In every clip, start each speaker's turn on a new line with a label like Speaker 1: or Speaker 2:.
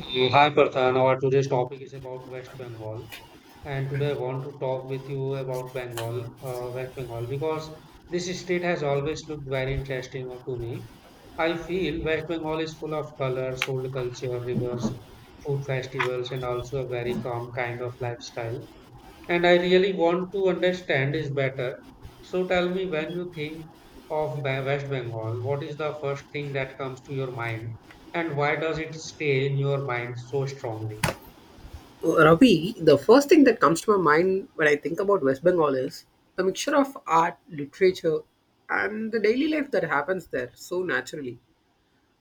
Speaker 1: Hi Prathan, our today's topic is about West Bengal, and today I want to talk with you about Bengal, West Bengal, because this state has always looked very interesting to me. I feel West Bengal is full of colors, old culture, rivers, food festivals, and also a very calm kind of lifestyle and I really want to understand is better. So tell me when you think of West Bengal, what is the first thing that comes to your mind and why does it stay in your mind so strongly?
Speaker 2: Ravi, the first thing that comes to my mind when I think about West Bengal is the mixture of art, literature, and the daily life that happens there so naturally.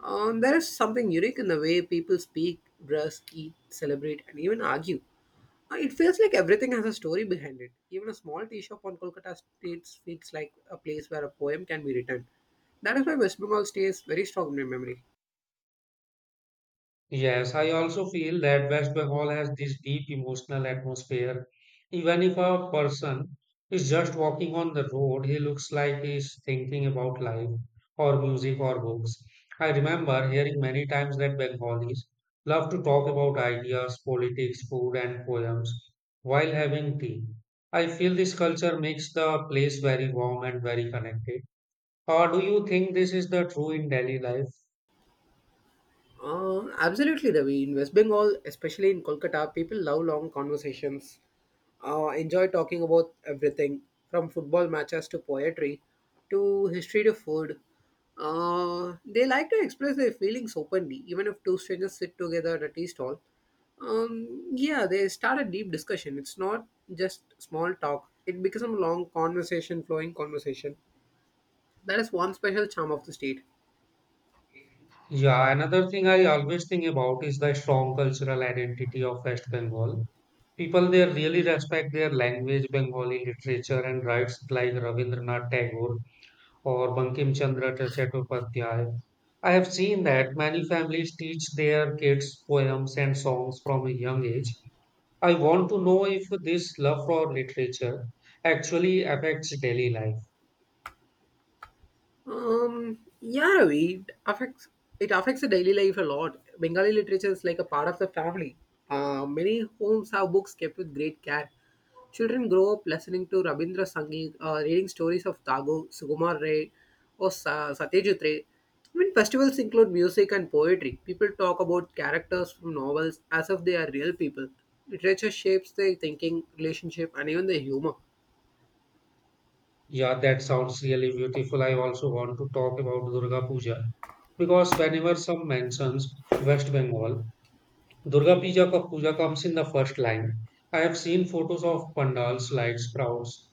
Speaker 2: There is something unique in the way people speak, dress, eat, celebrate, and even argue. It feels like everything has a story behind it. Even a small tea shop on Kolkata streets feels like a place where a poem can be written. That is why West Bengal stays very strong in my memory.
Speaker 1: Yes, I also feel that West Bengal has this deep emotional atmosphere. Even if a person is just walking on the road, he looks like he's thinking about life or music or books. I remember hearing many times that Bengalis love to talk about ideas, politics, food, and poems while having tea. I feel this culture makes the place very warm and very connected. Or do you think this is the true in Delhi life?
Speaker 2: Absolutely, Ravi. In West Bengal, especially in Kolkata, people love long conversations, enjoy talking about everything from football matches to poetry to history to food. They like to express their feelings openly, even if two strangers sit together at a tea stall. Yeah, they start a deep discussion. It's not just small talk, it becomes a long conversation, flowing conversation. That is one special charm of the state.
Speaker 1: Yeah, another thing I always think about is the strong cultural identity of West Bengal. People there really respect their language, Bengali literature, and writes like Rabindranath Tagore or Bankim Chandra Chattopadhyay. I have seen that many families teach their kids poems and songs from a young age. I want to know if this love for literature actually affects daily life.
Speaker 2: Yeah, Ravi, it affects the daily life a lot. Bengali literature is like a part of the family. Many homes have books kept with great care. Children grow up listening to Rabindra Sangeet, reading stories of Tagore, Sugumar Ray, or Satyajit Ray. Even festivals include music and poetry. People talk about characters from novels as if they are real people. Literature shapes their thinking, relationship, and even their humor.
Speaker 1: Yeah, that sounds really beautiful. I also want to talk about Durga Puja because whenever some mentions West Bengal, Durga Puja, ka Puja comes in the first line. I have seen photos of pandals, lights, crowds,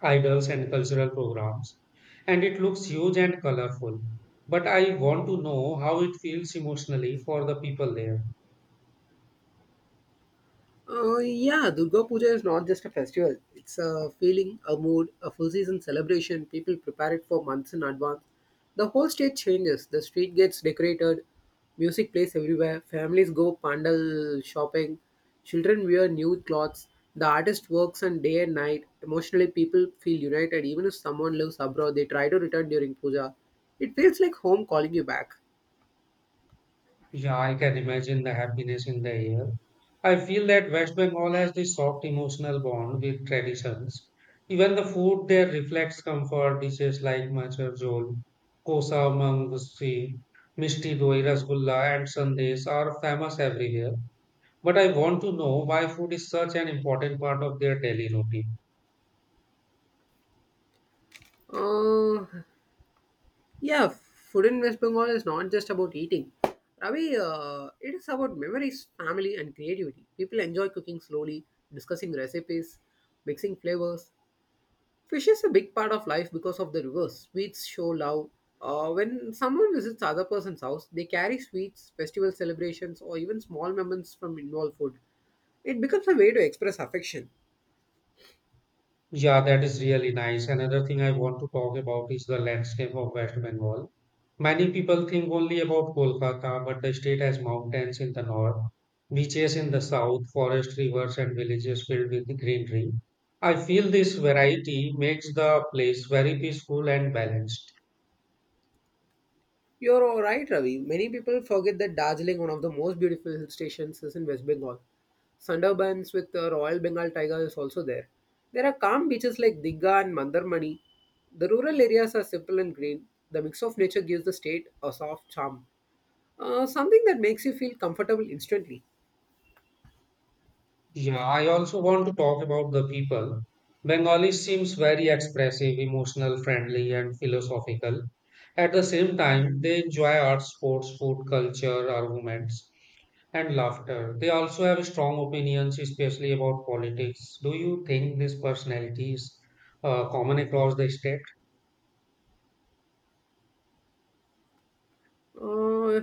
Speaker 1: idols, and cultural programs, and it looks huge and colorful. But I want to know how it feels emotionally for the people there.
Speaker 2: Yeah, Durga Puja is not just a festival. It's a feeling, a mood, a full season celebration. People prepare it for months in advance. The whole state changes. The street gets decorated, music plays everywhere, families go pandal shopping, children wear new clothes. The artist works on day and night. Emotionally, people feel united. Even if someone lives abroad, they try to return during puja. It feels like home calling you back.
Speaker 1: Yeah, I can imagine the happiness in the air. I feel that West Bengal has this soft emotional bond with traditions. Even the food there reflects comfort dishes like machar jhol, kosa mang gusti, misti doi rasgulla, and sandesh are famous everywhere. But I want to know why food is such an important part of their daily routine.
Speaker 2: Uh, Yeah, food in West Bengal is not just about eating. Ravi, it is about memories, family, and creativity. People enjoy cooking slowly, discussing recipes, mixing flavors. Fish is a big part of life because of the rivers. Sweets show love. When someone visits other person's house, they carry sweets, festival celebrations, or even small moments from involved food. It becomes a way to express affection.
Speaker 1: Yeah, that is really nice. Another thing I want to talk about is the landscape of West Bengal. Many people think only about Kolkata, but the state has mountains in the north, beaches in the south, forest, rivers, and villages filled with greenery. I feel this variety makes the place very peaceful and balanced.
Speaker 2: You're all right, Ravi. Many people forget that Darjeeling, one of the most beautiful hill stations, is in West Bengal. Sundarbans with the Royal Bengal tiger is also there. There are calm beaches like Digha and Mandarmani. The rural areas are simple and green. The mix of nature gives the state a soft charm, something that makes you feel comfortable instantly.
Speaker 1: Yeah, I also want to talk about the people. Bengali seems very expressive, emotional, friendly, and philosophical. At the same time, they enjoy art, sports, food, culture, arguments, and laughter. They also have strong opinions, especially about politics. Do you think this personality is common across the state?
Speaker 2: Uh,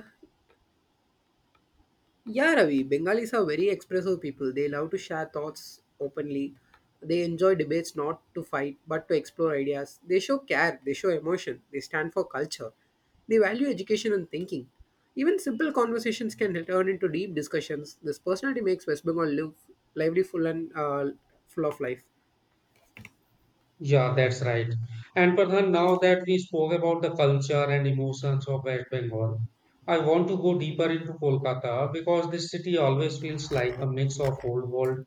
Speaker 2: Yeah, Ravi, Bengalis are very expressive people. They love to share thoughts openly. They enjoy debates not to fight but to explore ideas. They show care, they show emotion, they stand for culture. They value education and thinking. Even simple conversations can turn into deep discussions. This personality makes West Bengal live lively, full, and full of life.
Speaker 1: Yeah, that's right. And Pradhan, now that we spoke about the culture and emotions of West Bengal, I want to go deeper into Kolkata because this city always feels like a mix of old world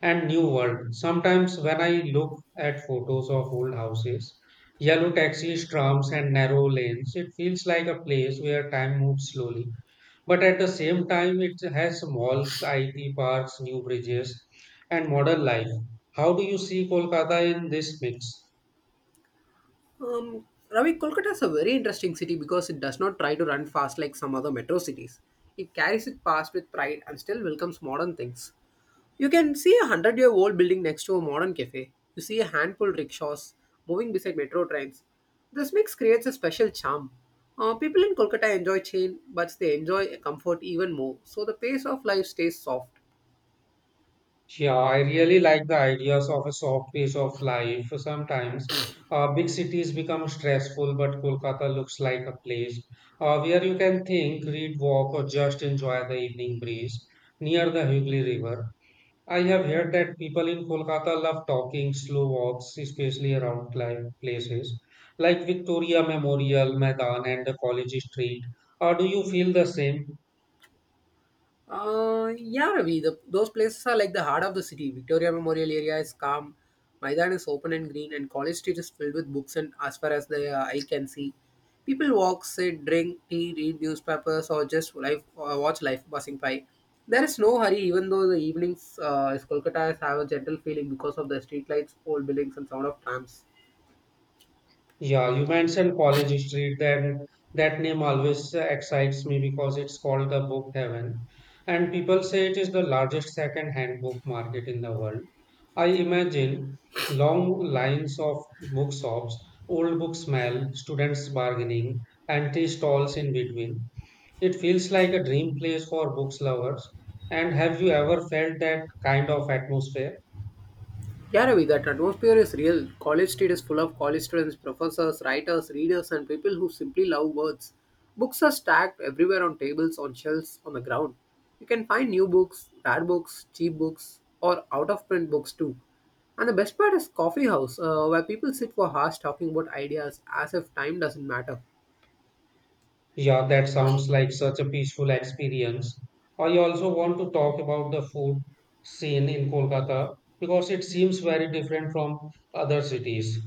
Speaker 1: and new world. Sometimes when I look at photos of old houses, yellow taxis, trams, and narrow lanes, it feels like a place where time moves slowly. But at the same time, it has malls, IT parks, new bridges, and modern life. How do you see Kolkata in this mix?
Speaker 2: Um, Ravi, Kolkata is a very interesting city because it does not try to run fast like some other metro cities. It carries its past with pride and still welcomes modern things. You can see a hundred-year-old building next to a modern cafe. You see a handful of rickshaws moving beside metro trains. This mix creates a special charm. People in Kolkata enjoy chain, but they enjoy comfort even more, so the pace of life stays soft.
Speaker 1: Yeah, I really like the ideas of a soft pace of life. Sometimes big cities become stressful, but Kolkata looks like a place where you can think, read, walk, or just enjoy the evening breeze near the Hooghly River. I have heard that people in Kolkata love talking, slow walks, especially around places like Victoria Memorial, Maidan, and the College Street. Do you feel the same?
Speaker 2: Yeah, Ravi, those places are like the heart of the city. Victoria Memorial area is calm, Maidan is open and green, and College Street is filled with books and as far as the eye can see. People walk, sit, drink tea, read newspapers, or just life, watch life passing by. There is no hurry, even though the evenings Kolkata have a gentle feeling because of the streetlights, old buildings, and sound of trams.
Speaker 1: Yeah, you mentioned College Street, and that name always excites me because it's called the book heaven. And people say it is the largest second-hand book market in the world. I imagine long lines of bookshops, old book smell, students bargaining, and tea stalls in between. It feels like a dream place for books lovers. And have you ever felt that kind of atmosphere?
Speaker 2: Yeah, Ravi, that atmosphere is real. College Street is full of college students, professors, writers, readers, and people who simply love words. Books are stacked everywhere on tables, on shelves, on the ground. You can find new books, rare books, cheap books, or out of print books too. And the best part is coffee house, where people sit for hours talking about ideas as if time doesn't matter.
Speaker 1: Yeah, that sounds like such a peaceful experience. I also want to talk about the food scene in Kolkata because it seems very different from other cities.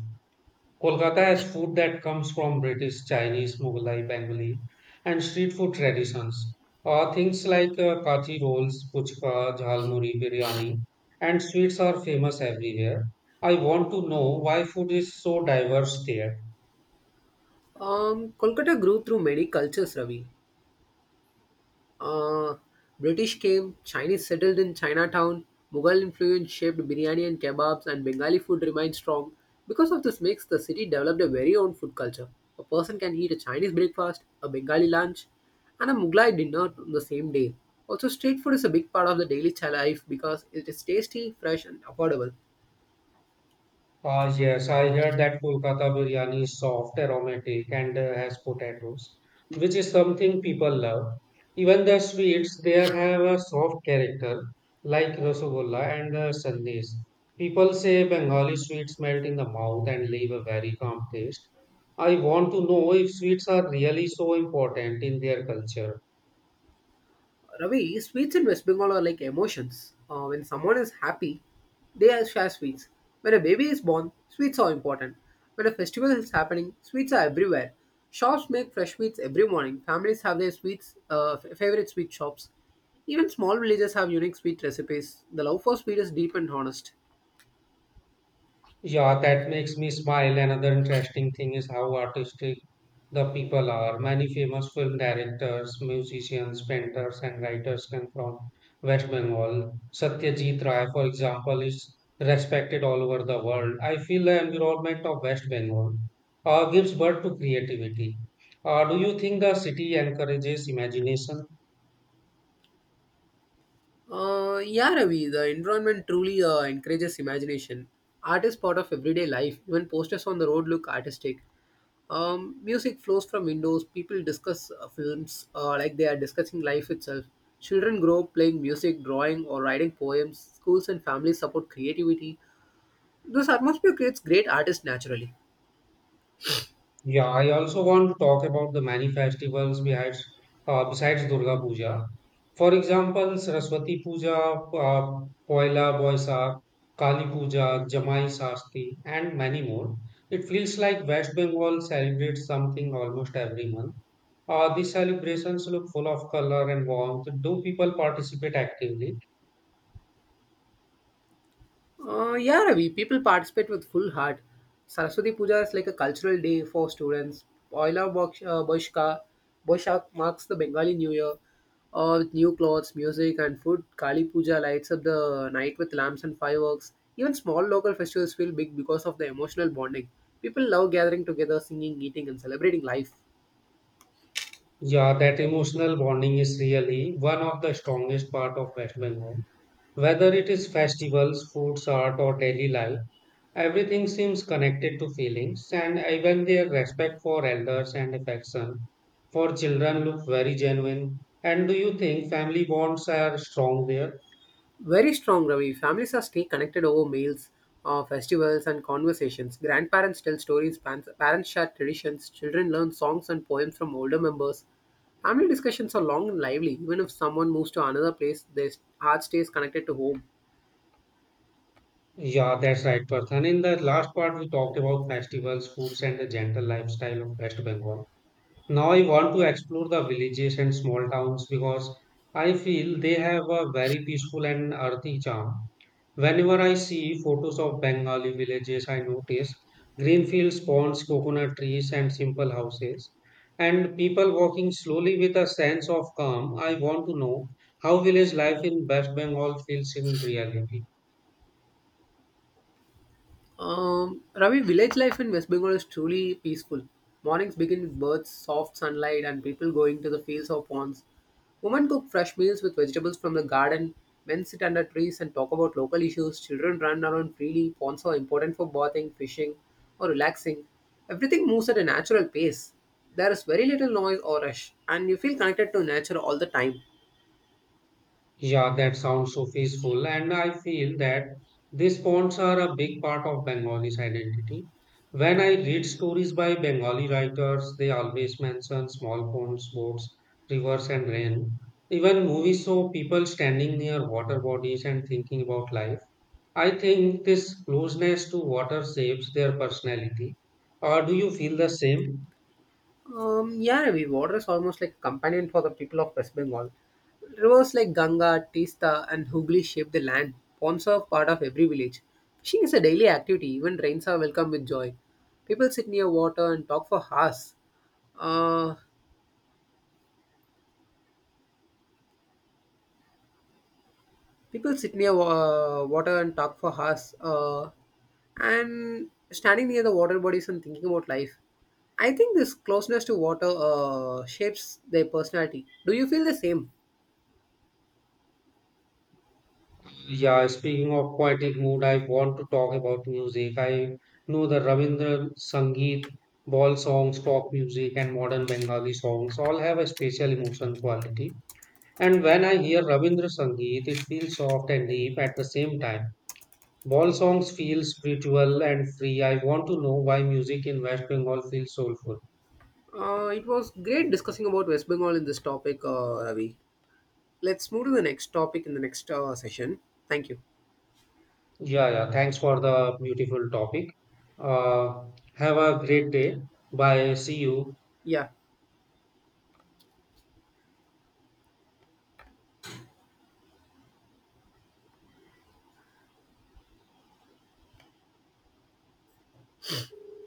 Speaker 1: Kolkata has food that comes from British, Chinese, Mughalai, Bengali, and street food traditions. Things like kathi rolls, puchka, jhalmuri, biryani, and sweets are famous everywhere. I want to know why food is so diverse there.
Speaker 2: Kolkata grew through many cultures, Ravi. Uh, British came, Chinese settled in Chinatown, Mughal influence shaped biryani and kebabs, and Bengali food remained strong. Because of this mix, the city developed a very own food culture. A person can eat a Chinese breakfast, a Bengali lunch, and a Mughlai dinner on the same day. Also, street food is a big part of the daily life because it is tasty, fresh, and affordable.
Speaker 1: Ah, yes, I heard that Kolkata biryani is soft, aromatic, and has potatoes, which is something people love. Even the sweets there have a soft character, like rasagolla and the sandesh. People say Bengali sweets melt in the mouth and leave a very calm taste. I want to know if sweets are really so important in their culture.
Speaker 2: Ravi, sweets in West Bengal are like emotions. When someone is happy, share sweets. When a baby is born, sweets are important. When a festival is happening, sweets are everywhere. Shops make fresh sweets every morning. Families have their sweets, favorite sweet shops. Even small villages have unique sweet recipes. The love for sweet is deep and honest.
Speaker 1: Yeah, that makes me smile. Another interesting thing is how artistic the people are. Many famous film directors, musicians, painters, and writers come from West Bengal. Satyajit Ray, for example, is respected all over the world. I feel the environment of West Bengal gives birth to creativity. Do you think the city encourages imagination?
Speaker 2: Yeah, Ravi, the environment truly encourages imagination. Art is part of everyday life. Even posters on the road look artistic. Music flows from windows. People discuss films like they are discussing life itself. Children grow up playing music, drawing, or writing poems. Schools and families support creativity. This atmosphere creates great artists naturally.
Speaker 1: Yeah, I also want to talk about the many festivals behind, besides Durga Puja. For example, Saraswati Puja, Poila Boisak, Kali Puja, Jamai Sasti, and many more. It feels like West Bengal celebrates something almost every month. These celebrations look full of color and warmth. Do people participate actively?
Speaker 2: Yeah, Ravi, people participate with full heart. Saraswati Puja is like a cultural day for students. Poila Boksh- uh, Boshka, Boshak marks the Bengali New Year with new clothes, music, and food. Kali Puja lights up the night with lamps and fireworks. Even small local festivals feel big because of the emotional bonding. People love gathering together, singing, eating, and celebrating life.
Speaker 1: Yeah, that emotional bonding is really one of the strongest part of West Bengal. Whether it is festivals, foods, art, or daily life, everything seems connected to feelings, and even their respect for elders and affection for children look very genuine. And do you think family bonds are strong there?
Speaker 2: Very strong, Ravi. Families are stay connected over meals, festivals, and conversations. Grandparents tell stories, parents share traditions, children learn songs and poems from older members. Family discussions are long and lively. Even if someone moves to another place, their heart stays connected to home.
Speaker 1: Yeah, that's right, Parthan. In the last part, we talked about festivals, foods, and the gentle lifestyle of West Bengal. Now I want to explore the villages and small towns because I feel they have a very peaceful and earthy charm. Whenever I see photos of Bengali villages, I notice green fields, ponds, coconut trees, and simple houses, and people walking slowly with a sense of calm. I want to know how village life in West Bengal feels in reality.
Speaker 2: Ravi, village life in West Bengal is truly peaceful. Mornings begin with birds, soft sunlight, and people going to the fields or ponds. Women cook fresh meals with vegetables from the garden. Men sit under trees and talk about local issues. Children run around freely. Ponds are important for bathing, fishing, or relaxing. Everything moves at a natural pace. There is very little noise or rush, and you feel connected to nature all the time.
Speaker 1: Yeah, that sounds so peaceful. And I feel that these ponds are a big part of Bengali's identity. When I read stories by Bengali writers, they always mention small ponds, boats, rivers, and rain. Even movies show people standing near water bodies and thinking about life. I think this closeness to water shapes their personality. Or do you feel the same?
Speaker 2: Yeah, Ravi, water is almost like companion for the people of West Bengal. Rivers like Ganga, Tista, and Hooghly shape the land. Ponds are part of every village. Fishing is a daily activity. Even rains are welcome with joy. People sit near water and talk for hours. Uh, People sit near water and talk for hours. And standing near the water bodies and thinking about life. I think this closeness to water shapes their personality. Do you feel the same?
Speaker 1: Yeah, speaking of poetic mood, I want to talk about music. I know the Ravindra Sangeet, ball songs, folk music, and modern Bengali songs all have a special emotional quality. And when I hear Ravindra Sangeet, it feels soft and deep at the same time. Ball songs feel spiritual and free. I want to know why music in West Bengal feels soulful.
Speaker 2: It was great discussing about West Bengal in this topic, Ravi. Let's move to the next topic in the next session. Thank you.
Speaker 1: Yeah, yeah. Thanks for the beautiful topic. Uh, have a great day. Bye. See you.
Speaker 2: Yeah.